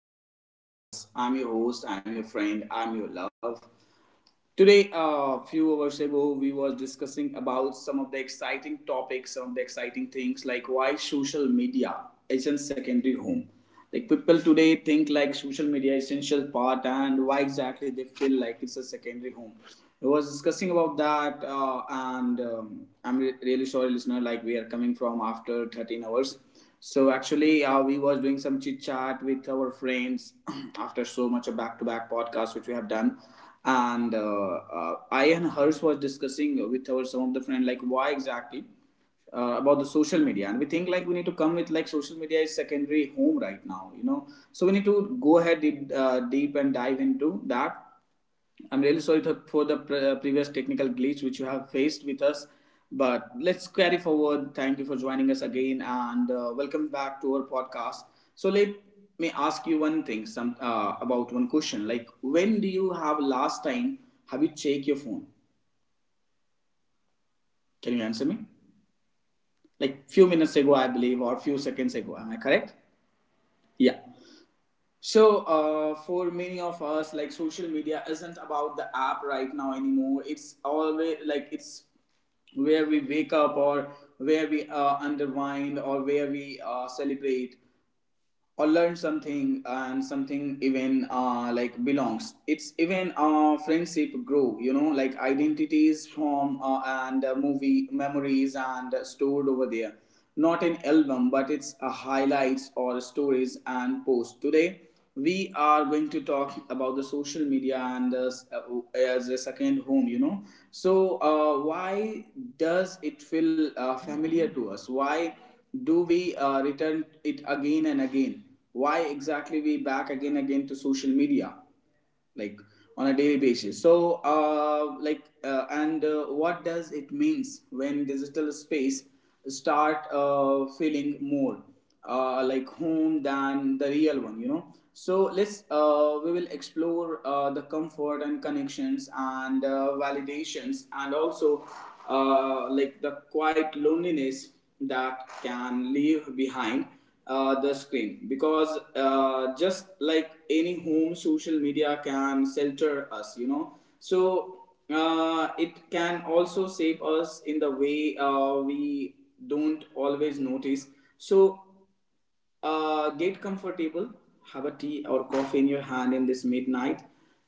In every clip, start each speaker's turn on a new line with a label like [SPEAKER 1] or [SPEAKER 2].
[SPEAKER 1] hi dear loved ones. I'm your host, I'm your friend, I'm your love. Today, a few hours ago, we were discussing about some of the exciting topics, some of the exciting things like why social media is in secondary home. Like people today think like social media is essential part and why exactly they feel like it's a secondary home. We was discussing about that and I'm really sorry listener like we are coming from after 13 hours so actually, we was doing some chit chat with our friends after so much a back to back podcast which we have done, and I and hers was discussing with our some of the friend like why exactly about the social media, and we think like we need to come with like social media is secondary home right now you know, so we need to go ahead deep and dive into that. I'm really sorry for the previous technical glitch which you have faced with us, but let's carry forward. Thank you for joining us again, and welcome back to our podcast. So let me ask you one thing, some about one question. Like, when do you have last time have you checked your phone? Can you answer me? Like few minutes ago, I believe, or few seconds ago. Am I correct? Yeah. So, for many of us, like social media isn't about the app right now anymore. It's always like it's where we wake up, or where we underwind, or where we celebrate or learn something, and something even like belongs it's even friendship grow you know, like identities from and movie memories and stored over there, not an album, but it's a highlights or stories and posts. Today we are going to talk about the social media and as a second home, you know. So why does it feel familiar to us? Why do we return it again and again? Why exactly we back again again to social media? Like on a daily basis. So like and what does it means when digital space start feeling more like home than the real one, you know. So let's we will explore the comfort and connections and validations, and also like the quiet loneliness that can leave behind the screen, because just like any home social media can shelter us, you know. So it can also shape us in the way we don't always notice. So get comfortable, have a tea or coffee in your hand in this midnight,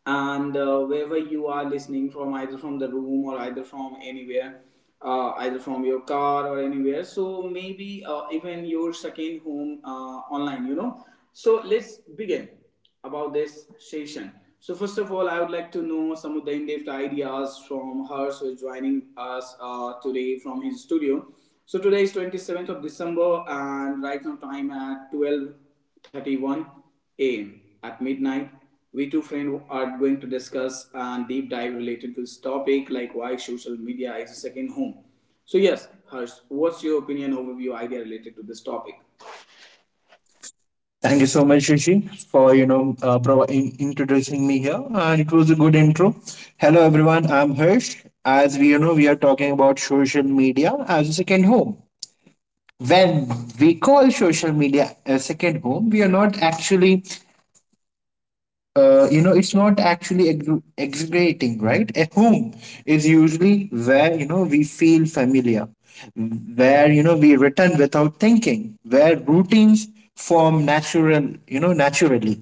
[SPEAKER 1] and wherever you are listening from, either from the room or either from anywhere, either from your car or anywhere. So maybe even your second home online, you know. So let's begin about this session. So first of all, I would like to know some of the in-depth ideas from Harsh, who is joining us today from his studio. So today is 27th of December, and right now time at 12:31 a.m. at midnight. We two friends are going to discuss and deep dive related to this topic, like why social media is a second home. So yes, Harsh, what's your opinion, overview, idea related to this topic?
[SPEAKER 2] Thank you so much, Rishi, for providing introducing me here, and it was a good intro. Hello, everyone. I'm Hirsch. As we you know, we are talking about social media as a second home. When we call social media a second home, we are not actually, it's not actually exaggerating, right? A home is usually where we feel familiar, where we return without thinking, where routines form natural, naturally,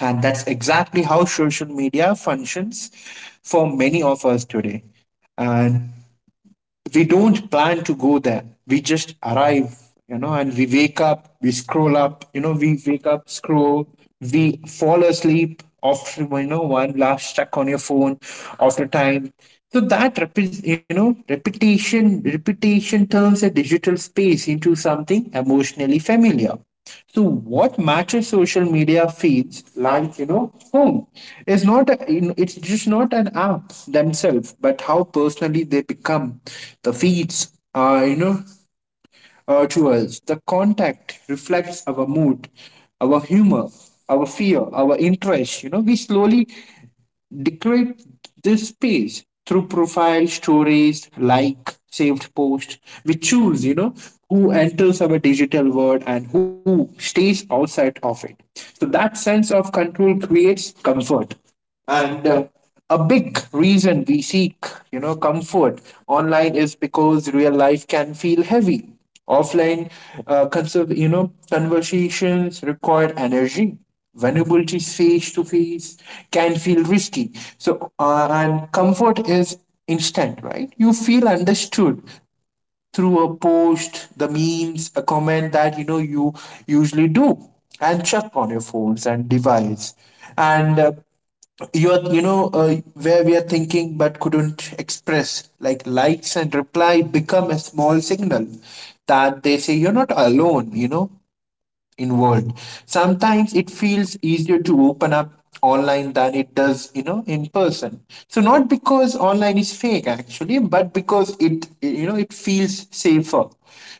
[SPEAKER 2] and that's exactly how social media functions for many of us today. And we don't plan to go there. We just arrive, and we wake up, we scroll up, we wake up, scroll, we fall asleep after, one last check on your phone after time. So that, repetition turns a digital space into something emotionally familiar. So what matches social media feeds like home is not it's just not an app themselves, but how personally they become. The feeds are to us. The contact reflects our mood, our humor, our fear, our interest. You know, we slowly decorate this space through profile stories, like saved post. We choose, who enters our digital world and who stays outside of it. So that sense of control creates comfort, and a big reason we seek comfort online is because real life can feel heavy. Offline uh, conserve, you know conversations require energy, vulnerability face to face can feel risky. So and comfort is instant, right? You feel understood through a post, the memes, a comment that you usually do and check on your phones and device and you're you know where we are thinking but couldn't express, like likes and reply become a small signal that they say you're not alone, in world. Sometimes it feels easier to open up online than it does, in person, so not because online is fake actually, but because it you know it feels safer.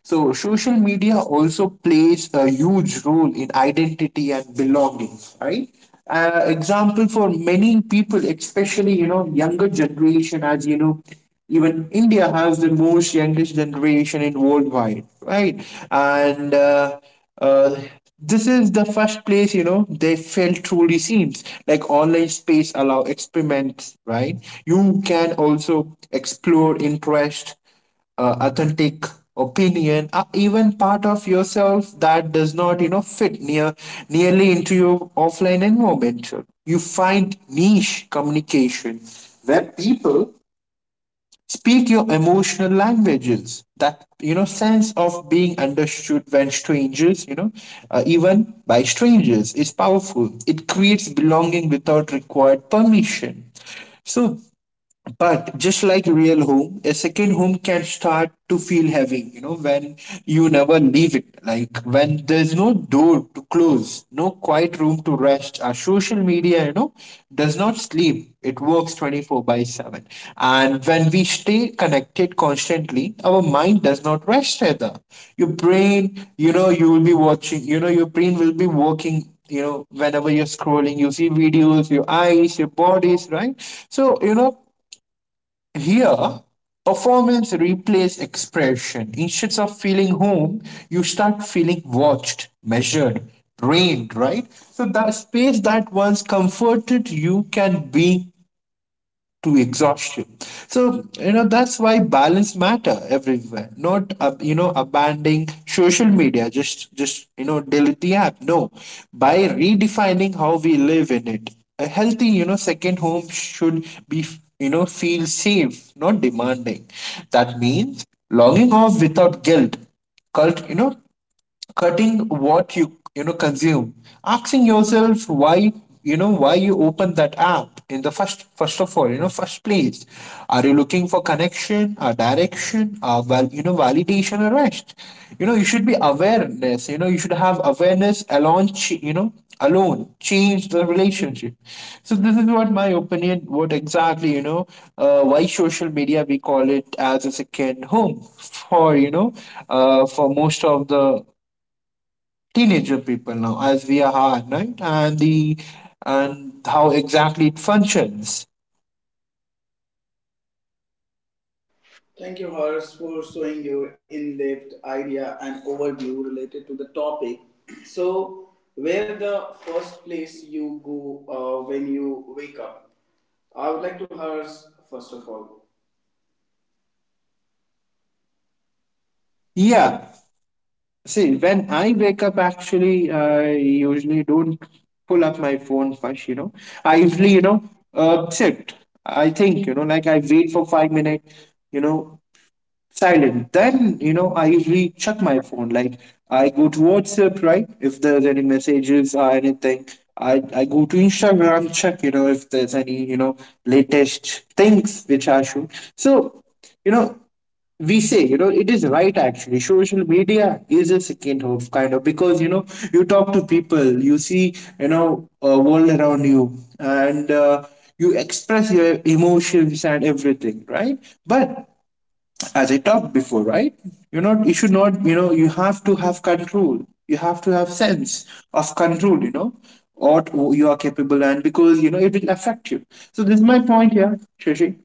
[SPEAKER 2] So social media also plays a huge role in identity and belonging, right? Example, for many people, especially younger generation. As you know, even India has the most youngest generation in worldwide, right? And uh, this is the first place, they felt truly seems like online space allow experiments, right? You can also explore interest, authentic opinion, or even part of yourself that does not fit nearly into your offline environment. You find niche communication where people speak your emotional languages, that sense of being understood when strangers you know even by strangers is powerful. It creates belonging without required permission. so but just like real home, a second home can start to feel heavy, you know, when you never leave it. Like when there's no door to close, no quiet room to rest. Our social media, you know, does not sleep. It works 24 by 7. And when we stay connected constantly, our mind does not rest either. Your brain, you know, you will be watching, you know, your brain will be working, whenever you're scrolling, you see videos, your eyes, your bodies, right? So here, performance replaces expression. Instead of feeling home, you start feeling watched, measured, drained, right? So that space that once comforted you can be to exhaustion. So, you know, that's why balance matter everywhere. Not, abandoning social media, just you know, delete the app. No, by redefining how we live in it. A healthy, you know, second home should be, you know, feel safe, not demanding. That means logging off without guilt. Cult, you know, cutting what you know consume, asking yourself why you open that app in the first first of all you know first place. Are you looking for connection, or direction, or validation, or rest? You know, you should have awareness alone. Alone change the relationship. So this is what my opinion, what exactly, why social media we call it as a second home for, for most of the teenager people now, as we are, right? And how exactly it functions.
[SPEAKER 1] Thank you, Harsh, for showing your in depth idea and overview related to the topic. So, where the first place you go when you wake up? I would like to Harsh. First of all.
[SPEAKER 2] Yeah. See, when I wake up, actually, I usually don't pull up my phone first. You know, I usually, sit. I think, you know, like I wait for 5 minutes. You know, silent. Then, you know, I usually check my phone. Like I go to WhatsApp, right? If there's any messages or anything. I go to Instagram, check, you know, if there's any, you know, latest things which I should. So, you know, we say, it is right, actually social media is a second hope kind of, because you talk to people, you see, a world around you and you express your emotions and everything, right? But as I talked before, right? You should not, you know, you have to have control. You have to have sense of control, you know, what you are capable, and because, you know, it will affect you. So this is my point here, Shashi.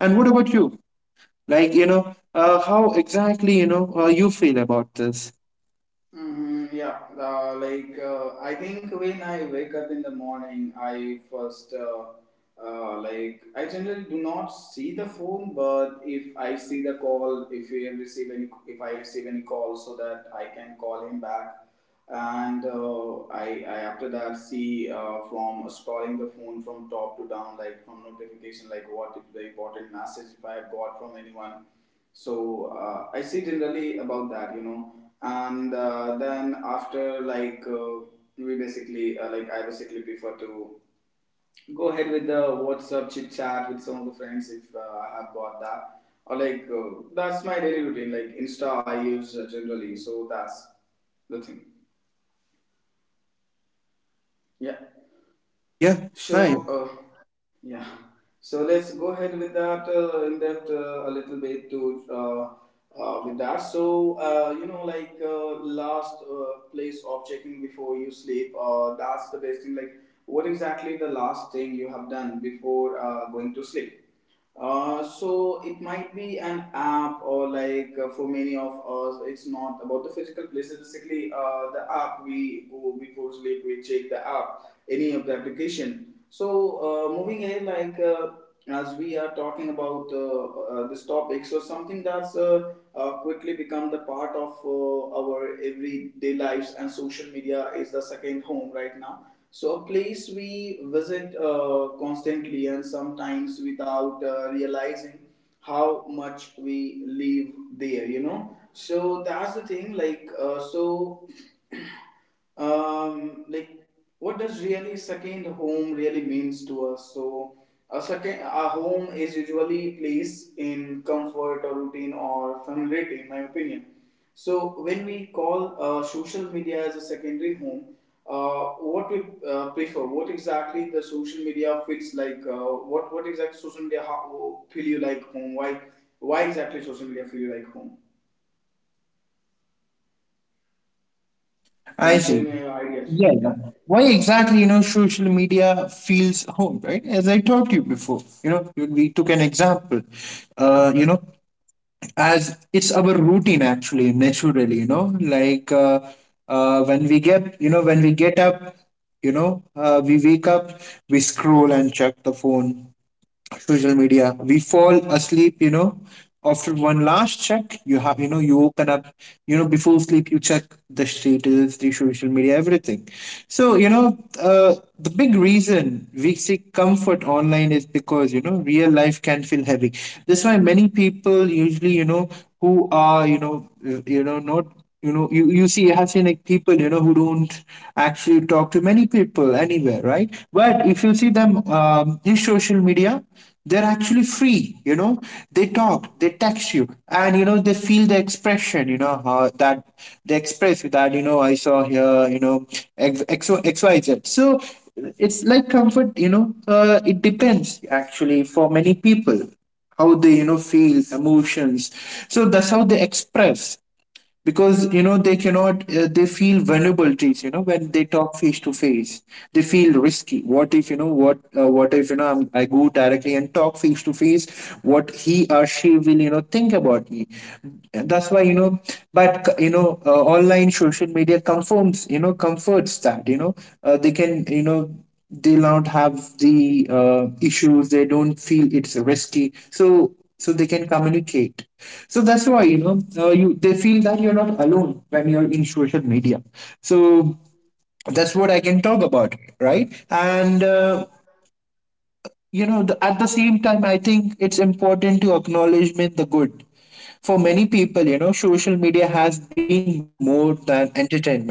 [SPEAKER 2] And what about you? Like, you know, how exactly, you know, you feel about this?
[SPEAKER 1] Mm, yeah, I think when I wake up in the morning, I first like I generally do not see the phone, but if I see the call, if we receive any, if I receive any call, so that I can call him back. And I after that see from scrolling the phone from top to down, like from notification, like what if the important message if I have got from anyone. So I see generally about that, you know. And then after we basically I basically prefer to go ahead with the WhatsApp chit chat with some of the friends if I have got that, or that's my daily routine, like Insta I use generally. So that's the thing, yeah.
[SPEAKER 2] Yeah,
[SPEAKER 1] So,
[SPEAKER 2] nice.
[SPEAKER 1] uh, yeah. So let's go ahead with that in depth a little bit to with that. So you know, last place of checking before you sleep. That's the best thing. Like, what exactly the last thing you have done before going to sleep? So it might be an app, or for many of us it's not about the physical places, basically the app we go before sleep we check the app, any of the application. So moving ahead as we are talking about this topic, so something that's quickly become the part of our everyday lives, and social media is the second home right now. So, a place we visit constantly, and sometimes without realizing how much we live there, you know. So, that's the thing, like, what does really second home really means to us? So a second a home is usually place in comfort or routine or familiarity, in my opinion. So when we call social media as a secondary home, what we prefer, what exactly the social media feels what exactly social media how, feel you like home, why exactly social media feel you like home? Can
[SPEAKER 2] I
[SPEAKER 1] you share
[SPEAKER 2] see.
[SPEAKER 1] me your ideas?
[SPEAKER 2] Yeah. Why exactly, you know, social media feels home, right? As I told you before, you know, we took an example. You know, as it's our routine actually naturally, when we get, when we get up, we wake up, we scroll and check the phone, social media. We fall asleep, you know, after one last check. You have, you know, you open up, you know, before sleep, you check the status, the social media, everything. So, you know, the big reason we seek comfort online is because, you know, real life can feel heavy. That's why many people usually, you know, who are, not, you, you see Asianic people, who don't actually talk to many people anywhere, right? But if you see them, in social media, they're actually free, you know. They talk, they text you, and you know, they feel the expression, that they express that, you know, I saw here, you know, XXXYZ. So it's like comfort, it depends actually for many people how they, you know, feel emotions. So that's how they express, because you know they cannot, they feel vulnerabilities, you know, when they talk face to face, they feel risky. What if, what if you know, I go directly and talk face to face, what he or she will, you know, think about me. That's why, you know, but you know, online social media confirms, you know, comforts that, you know, they can, you know, they don't have the, issues, they don't feel it's risky, so they can communicate. So that's why, you know, you, they feel that you're not alone when you're in social media. So that's what I can talk about, right? And at the same time I think it's important to acknowledgement the good. For many people, you know, social media has been more than entertainment.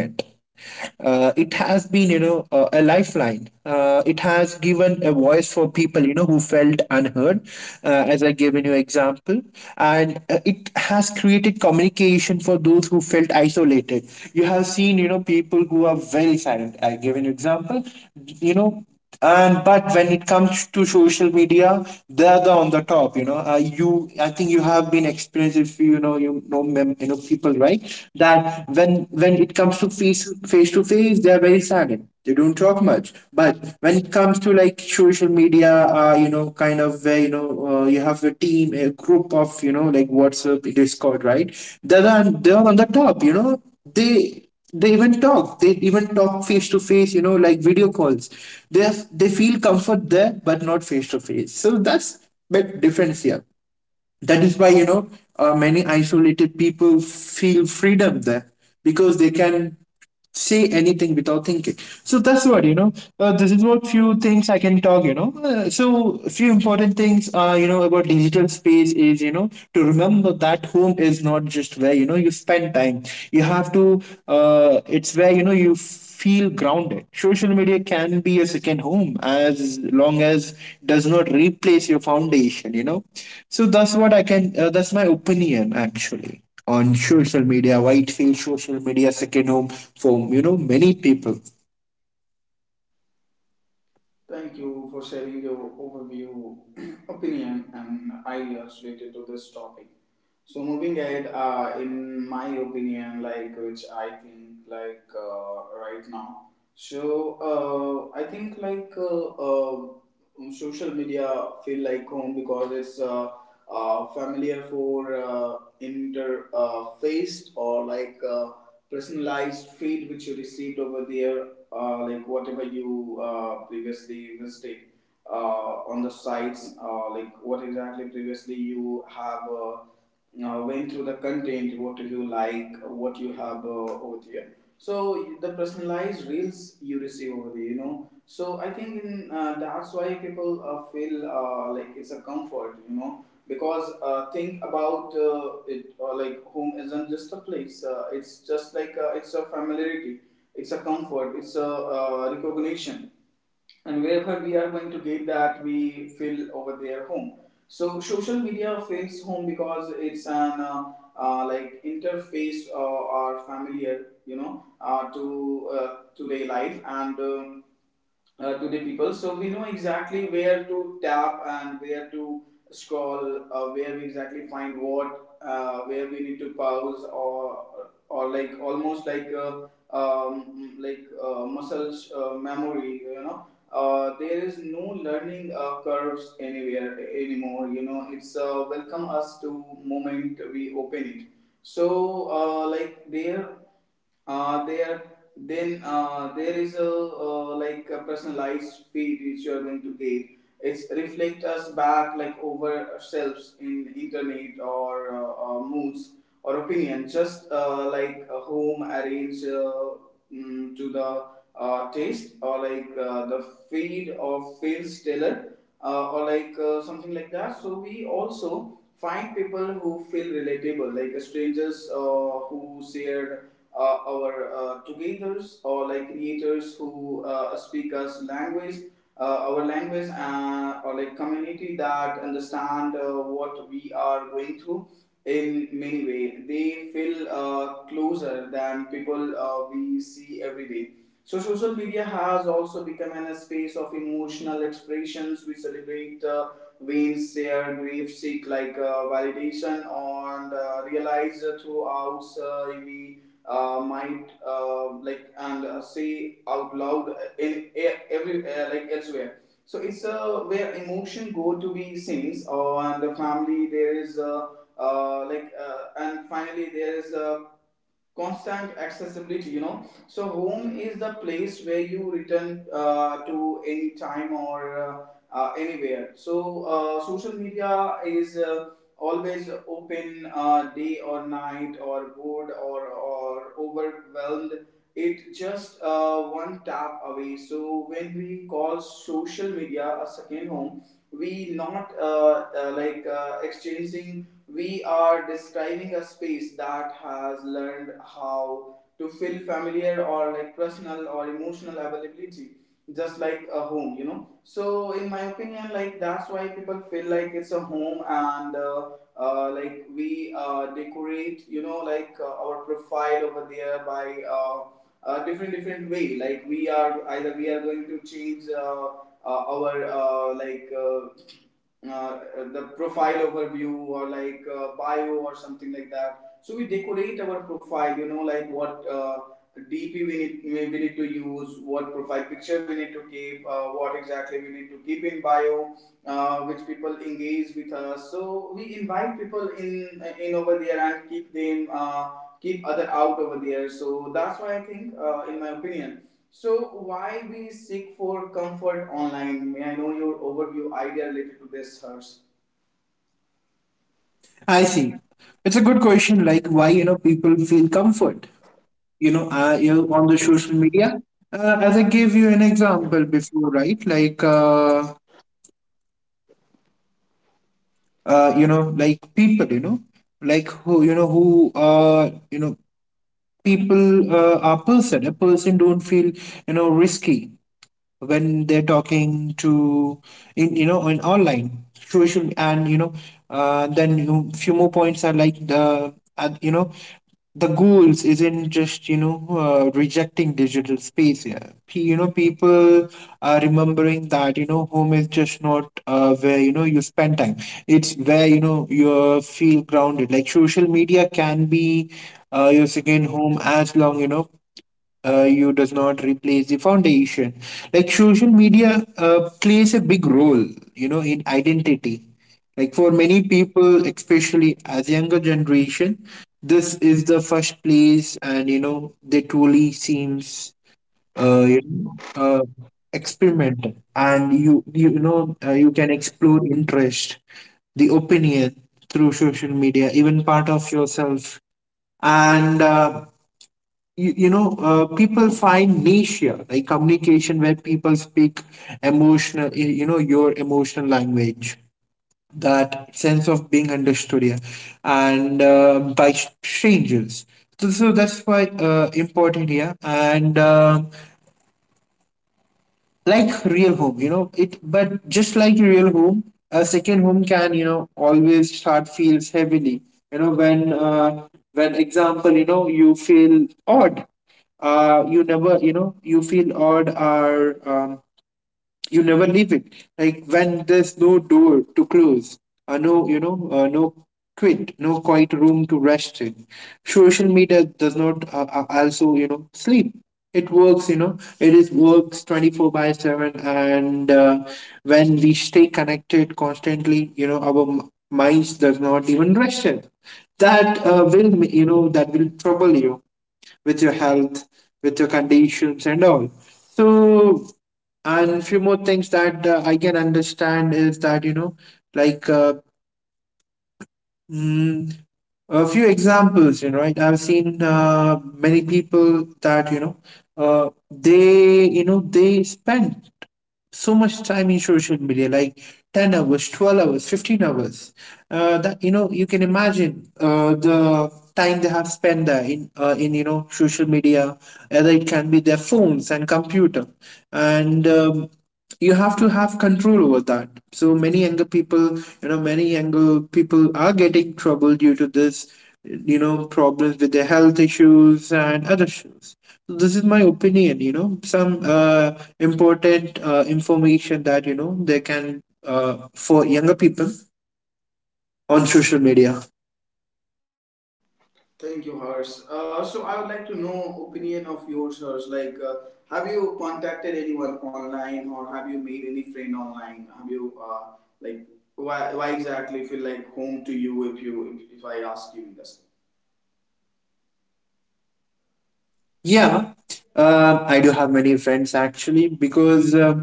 [SPEAKER 2] It has been, you know, a lifeline. It has given a voice for people, you know, who felt unheard, as I given you example. And it has created communication for those who felt isolated. You have seen, you know, people who are very silent. I give you example, you know. And but when it comes to social media, they are the on the top, you know, you I think you have been experienced, if you know, you know, people, right? That when it comes to face to face, they are very silent, they don't talk much, but when it comes to like social media, you know, kind of where, you know, you have a team, a group of, you know, like WhatsApp, Discord, right? They're on the top, you know. They even talk, they even talk face to face, you know, like video calls. They feel comfort there, but not face to face. So that's bit difference here. That is why, you know, many isolated people feel freedom there because they can say anything without thinking. So that's what, you know, this is what few things I can talk, so few important things are, you know, about digital space is, you know, to remember that home is not just where you spend time. You have to it's where you feel grounded. Social media can be a second home as long as does not replace your foundation. So that's what I can that's my opinion actually on social media. Why it feels social media second home for many people.
[SPEAKER 1] Thank you for sharing your overview, opinion, and ideas related to this topic. So moving ahead, in my opinion, like which I think like right now. So I think social media feel like home because it's familiar for inter or like personalized feed which you received over there, like whatever you previously visited on the sites, like what exactly previously you have went through the content, what you like, what you have over there. So the personalized reels you receive over there, you know. So I think in that's why people feel like it's a comfort, you know, because think about it like home isn't just a place. It's just like it's a familiarity, it's a comfort, it's a recognition, and wherever we are going to get that we feel over their home. So social media feels home because it's an interface or familiar, you know, to today life, and to the people. So we know exactly where to tap and where to scroll, where we exactly find what, where we need to pause, or like almost like a muscles memory, you know. There is no learning curves anywhere anymore. You know, it's welcome us to moment we open it. So, uh, there there is a like a personalized feed which you are going to get. It's reflect us back like over ourselves in internet, or moods or opinion, just like a home arrange to the taste, or the feed of feels tailor or like something like that. So we also find people who feel relatable, like strangers who share our togethers, or like creators who speak us language uh, our language, or like community that understand what we are going through. In many way they feel closer than people we see every day. So social media has also become an, a space of emotional expressions. We celebrate wins, share grief, seek validation, and realize throughout we might like and say out loud in every like elsewhere. So it's where emotion go to be sings, or and the family there is and finally there is a constant accessibility, you know, so home is the place where you return to any time or anywhere. So social media is always open, day or night, or bored or overwhelmed. It just one tap away. So when we call social media a second home, we not exchanging, we are describing a space that has learned how to feel familiar, or like personal or emotional availability, just like a home, you know. So in my opinion, like, that's why people feel like it's a home. And like, we decorate, you know, like our profile over there by different different way. Like, we are either we are going to change our uh, the profile overview, or like bio or something like that. So we decorate our profile, you know, like what DP we need, we need to use, what profile picture we need to keep, what exactly we need to keep in bio, which people engage with us. So we invite people in over there and keep them keep other out over there. So that's why I think, in my opinion, so, why we seek for comfort online? May I know your overview idea related to this, Hers?
[SPEAKER 2] I see. It's a good question, like why people feel comfort on the social media. As I gave you an example before, right, like like people, like who, who are, people are person. A person don't feel, risky when they're talking to in in online social and you know Then you, few more points are like the the goals isn't just rejecting digital space, yeah. People are remembering that home is just not where you spend time. It's where you feel grounded. Like social media can be your second home as long you does not replace the foundation. Like social media plays a big role in identity. Like for many people, especially as younger generation, this is the first place and they truly seems uh, you know, uh, experimental, and you can explore interest, the opinion, through social media, even part of yourself. And people find niche here, like communication where people speak emotional your emotional language, that sense of being understood here and by strangers. So that's why important here and like real home it, but just like a real home, a second home can always start feels heavily you know when uh, when example you feel odd, you never you feel odd or you never leave it. Like when there's no door to close, or no, no quiet room to rest in. Social media does not also, sleep. It works, it is works 24 by 7. And when we stay connected constantly, our minds does not even rest it. That will, that will trouble you with your health, with your conditions, and all. So, and few more things that I can understand is that like uh, mm, a few examples, right? I've seen many people that they they spend so much time in social media like 10 hours, 12 hours, 15 hours, that you can imagine the time they have spent there in social media, either it can be their phones and computer. And you have to have control over that. So many younger people, many younger people are getting trouble due to this, problems with their health issues and other issues. So this is my opinion, some important information that they can, for younger people on social media.
[SPEAKER 1] Thank you, Hers. So, I would like to know opinion of yours, Hers. Like, have you contacted anyone online, or have you made any friend online? Have you like, why exactly feel like home to you, if you if I ask you this?
[SPEAKER 2] Yeah. I do have many friends actually, because uh,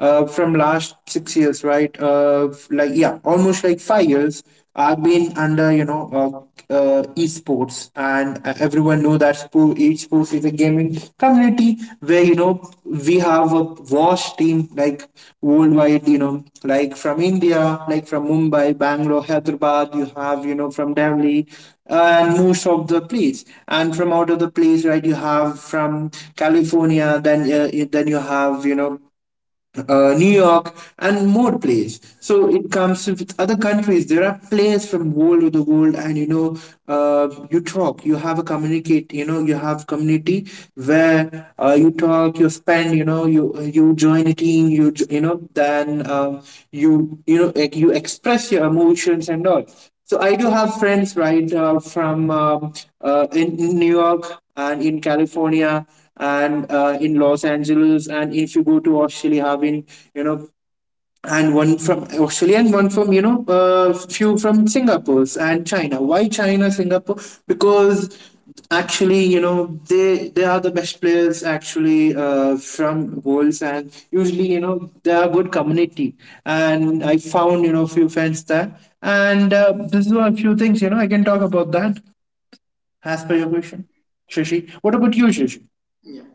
[SPEAKER 2] uh, from last 6 years, right, like yeah, almost like 5 years I've been under esports, and everyone know that esports is a gaming community where we have a wash team like worldwide, like from India, like from Mumbai, Bangalore, Hyderabad, you have, from Delhi uh, and most of the place. And from out of the place, right, you have from California, then, then you have, New York, and more plays. So it comes with other countries. There are players from world to the world, and you talk. You have a communicate. You have community where you talk, you spend. You join a team. You then, you you know like you express your emotions and all. So I do have friends, right, from in New York and in California and in Los Angeles, and if you go to Australia, having you know, and one from Australia and one from few from Singapore and China. Why China, Singapore? Because actually they are the best players actually from worlds, and usually they are good community. And I found few fans there. And this is a few things I can talk about that, as per your question. Shashi, what about you, Shashi?
[SPEAKER 1] Yeah.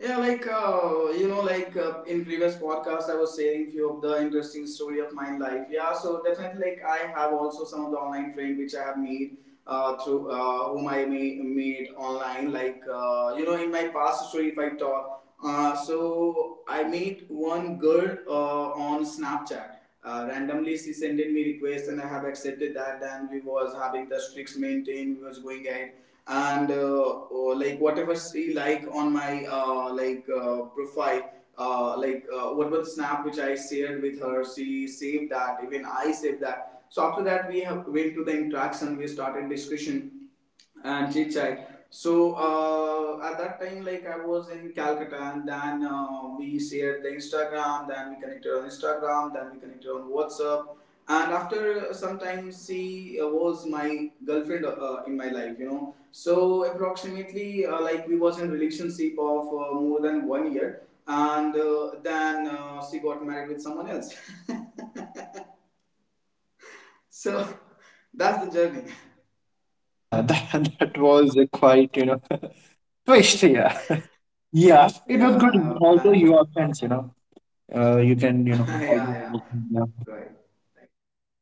[SPEAKER 1] Yeah, like, you know, like, in previous podcast, I was sharing few of the interesting story of my life. Yeah, so definitely, like, I have also some of the online friend which I have made through whom I may, made online. Like, you know, in my past story, if I talk, so I meet one girl on Snapchat. Randomly, she sent in me request, and I have accepted that. And we was having the streaks maintained. We was going ahead, and like, whatever she like on my profile, what was snap which I shared with her, she saved that, even I saved that. So after that, we have went to the interaction, we started discussion and chit chat. So at that time, like, I was in Calcutta, and then we shared the Instagram. Then we connected on Instagram. Then we connected on WhatsApp. And after some time, she was my girlfriend in my life, you know. So approximately, like, we was in relationship of more than 1 year, and then she got married with someone else. So that's the journey.
[SPEAKER 2] Yeah, that was a quite, twist, yeah. Yeah, it
[SPEAKER 1] Yeah,
[SPEAKER 2] was good, although you are friends. You can,
[SPEAKER 1] yeah,
[SPEAKER 2] always,
[SPEAKER 1] yeah.
[SPEAKER 2] work, yeah.
[SPEAKER 1] Right. Right.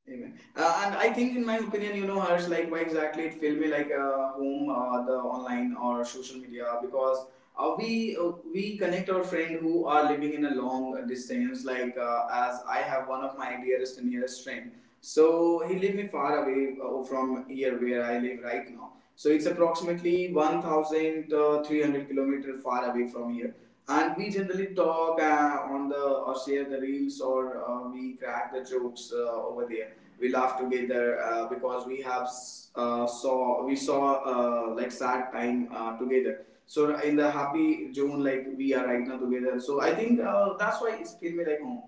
[SPEAKER 1] Amen. And I think, in my opinion, you know, Harsh, like, why exactly it feel me like home, the online or social media, because we connect our friend who are living in a long distance. Like, as I have one of my dearest and nearest friend, so he live me far away from here where I live right now. So it's approximately one thousand three hundred kilometer far away from here, and we generally talk on the, or share the reels, or we crack the jokes over there, we laugh together because we have saw we saw like sad time together. So in the happy zone, like, we are right now together, so I think that's why it's feel me like home.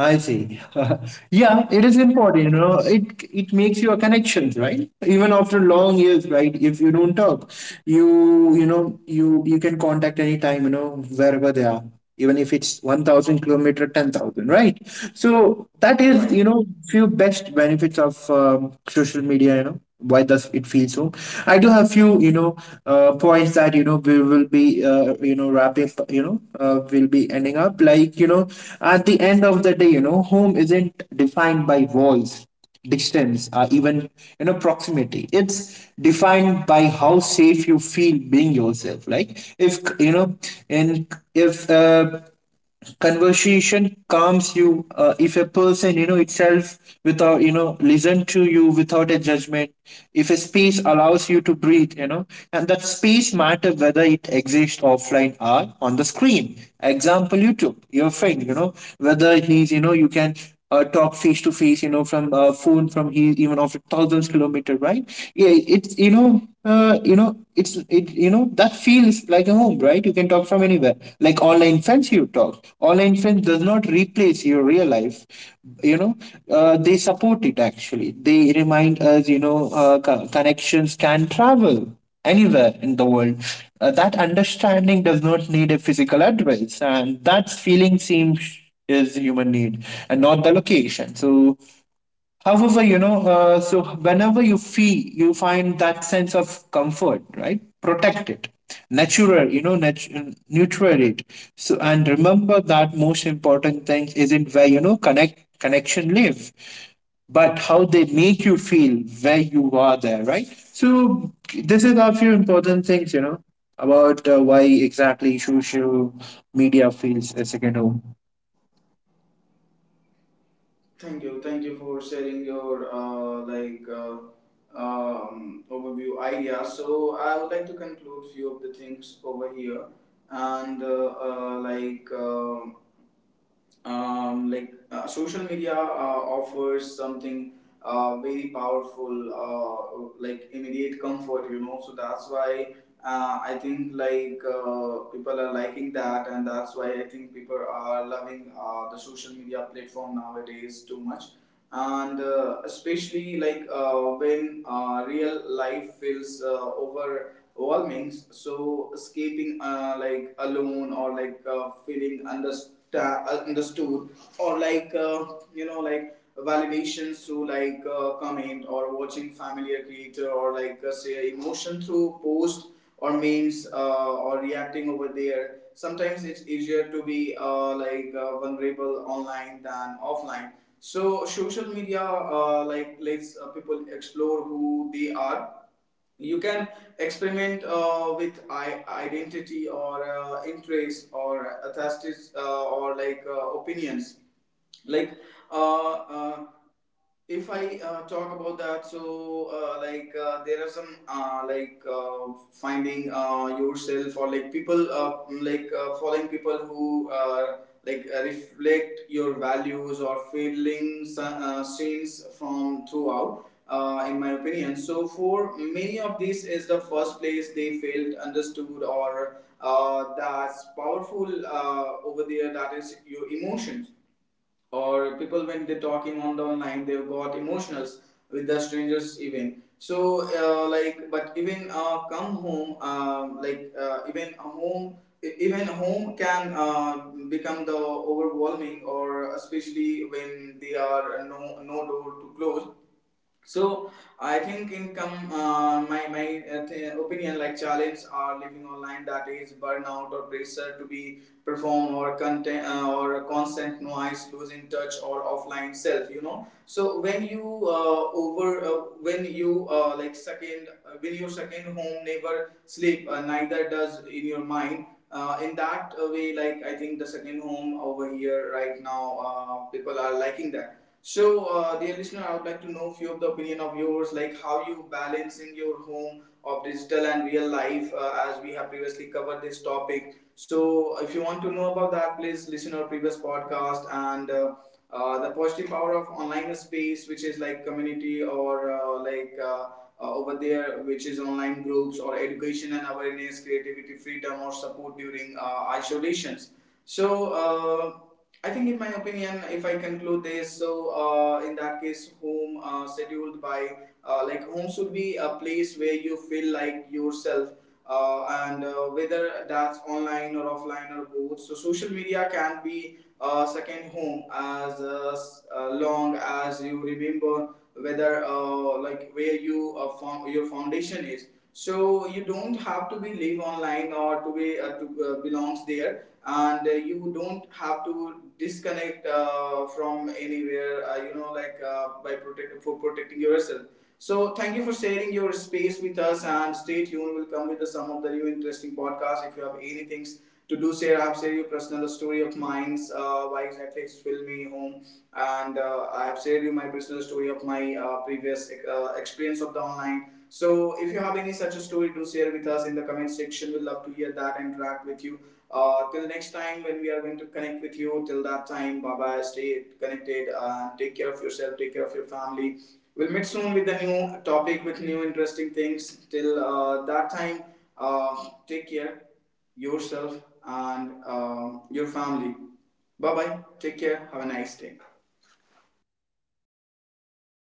[SPEAKER 2] I see. Yeah, it
[SPEAKER 1] Yeah.
[SPEAKER 2] is important. It makes your connections, right? Even after long years, right? If you don't talk, you can contact anytime, wherever they are. Even if it's 1000 kilometer, 10,000, right? So that is
[SPEAKER 1] Right.
[SPEAKER 2] few best benefits of social media. You know why does it feel so? I do have few points that we will be wrapping, will be ending up like, at the end of the day, home isn't defined by walls, distance, or even proximity. It's defined by how safe you feel being yourself. Like if and if conversation calms you, if a person itself without listen to you without a judgment, if a space allows you to breathe. And that space matter whether it exists offline or on the screen. Example you took your friend, whether he's, you can talk face to face, from phone, from he even after thousands kilometer, right? Yeah, it's you know, it's it you know that feels like a home, right? You can talk from anywhere. Like online friends, you talk. Online friends does not replace your real life. You know, they support it actually. They remind us, connections can travel anywhere in the world. That understanding does not need a physical address, and that feeling seems is the human need and not the location. So however so whenever you feel you find that sense of comfort, right, protect it, natural, neutral it. So and remember that most important thing isn't where connection live, but how they make you feel where you are there, right. So this is a few important things, about why exactly social media feels a second home.
[SPEAKER 1] Thank you. Thank you for sharing your overview idea. So I would like to conclude few of the things over here, and social media offers something very powerful, like immediate comfort, you know, so that's why. I think, like, people are liking that, and that's why I think people are loving the social media platform nowadays too much. And especially, like, when real life feels overwhelming, so escaping like alone, or like feeling understood, or like you know, like validation through like comment, or watching familiar creator, or like say emotion through post or memes, or reacting over there. Sometimes it's easier to be like vulnerable online than offline. So social media like, lets people explore who they are. You can experiment with identity, or interest, or aesthetics, or like opinions, like uh, uh if I talk about that. So like, there are some finding yourself, or like people following people who reflect your values or feelings, scenes from throughout, in my opinion. So for many of these is the first place they felt understood, or that's powerful over there, that is your emotions, or people when they're talking on the online, they've got emotionals with the strangers even. So like, but even come home, even home, even home can become the overwhelming, or especially when they are no door to close. So I think income, my opinion, like, challenge are living online, that is burnout, or pressure to be perform or content, or constant noise, losing touch or offline self, you know. So when you over when you like second when your second home never sleep, neither does in your mind. In that way, like, I think the second home over here right now, people are liking that. So, dear listener, I would like to know few of the opinion of yours, like, how you balancing your home of digital and real life, as we have previously covered this topic. So, if you want to know about that, please listen our previous podcast, and the positive power of online space, which is like community, or over there, which is online groups, or education and awareness, creativity, freedom, or support during isolations. So. I think, in my opinion, if I conclude this, so in that case, home scheduled by like, home should be a place where you feel like yourself, and whether that's online or offline or both. So social media can be a second home, as long as you remember whether like where you found your foundation is. So you don't have to be live online, or to be to belongs there. And you don't have to disconnect from anywhere, you know, like, by protect for protecting yourself. So thank you for sharing your space with us, and stay tuned, we'll come with the, some of the new interesting podcasts. If you have any things to do share, I've shared your personal story of mine, why exactly it's filled me home. And I have shared you my personal story of my previous experience of the online. So if you have any such a story to share with us in the comment section, we'd love to hear that and interact with you. Till next time, when we are going to connect with you, till that time, bye bye. Stay connected. Take care of yourself. Take care of your family. We'll meet soon with a new topic, with new interesting things. Till that time, uh, take care yourself and your family. Bye bye. Take care. Have a nice day.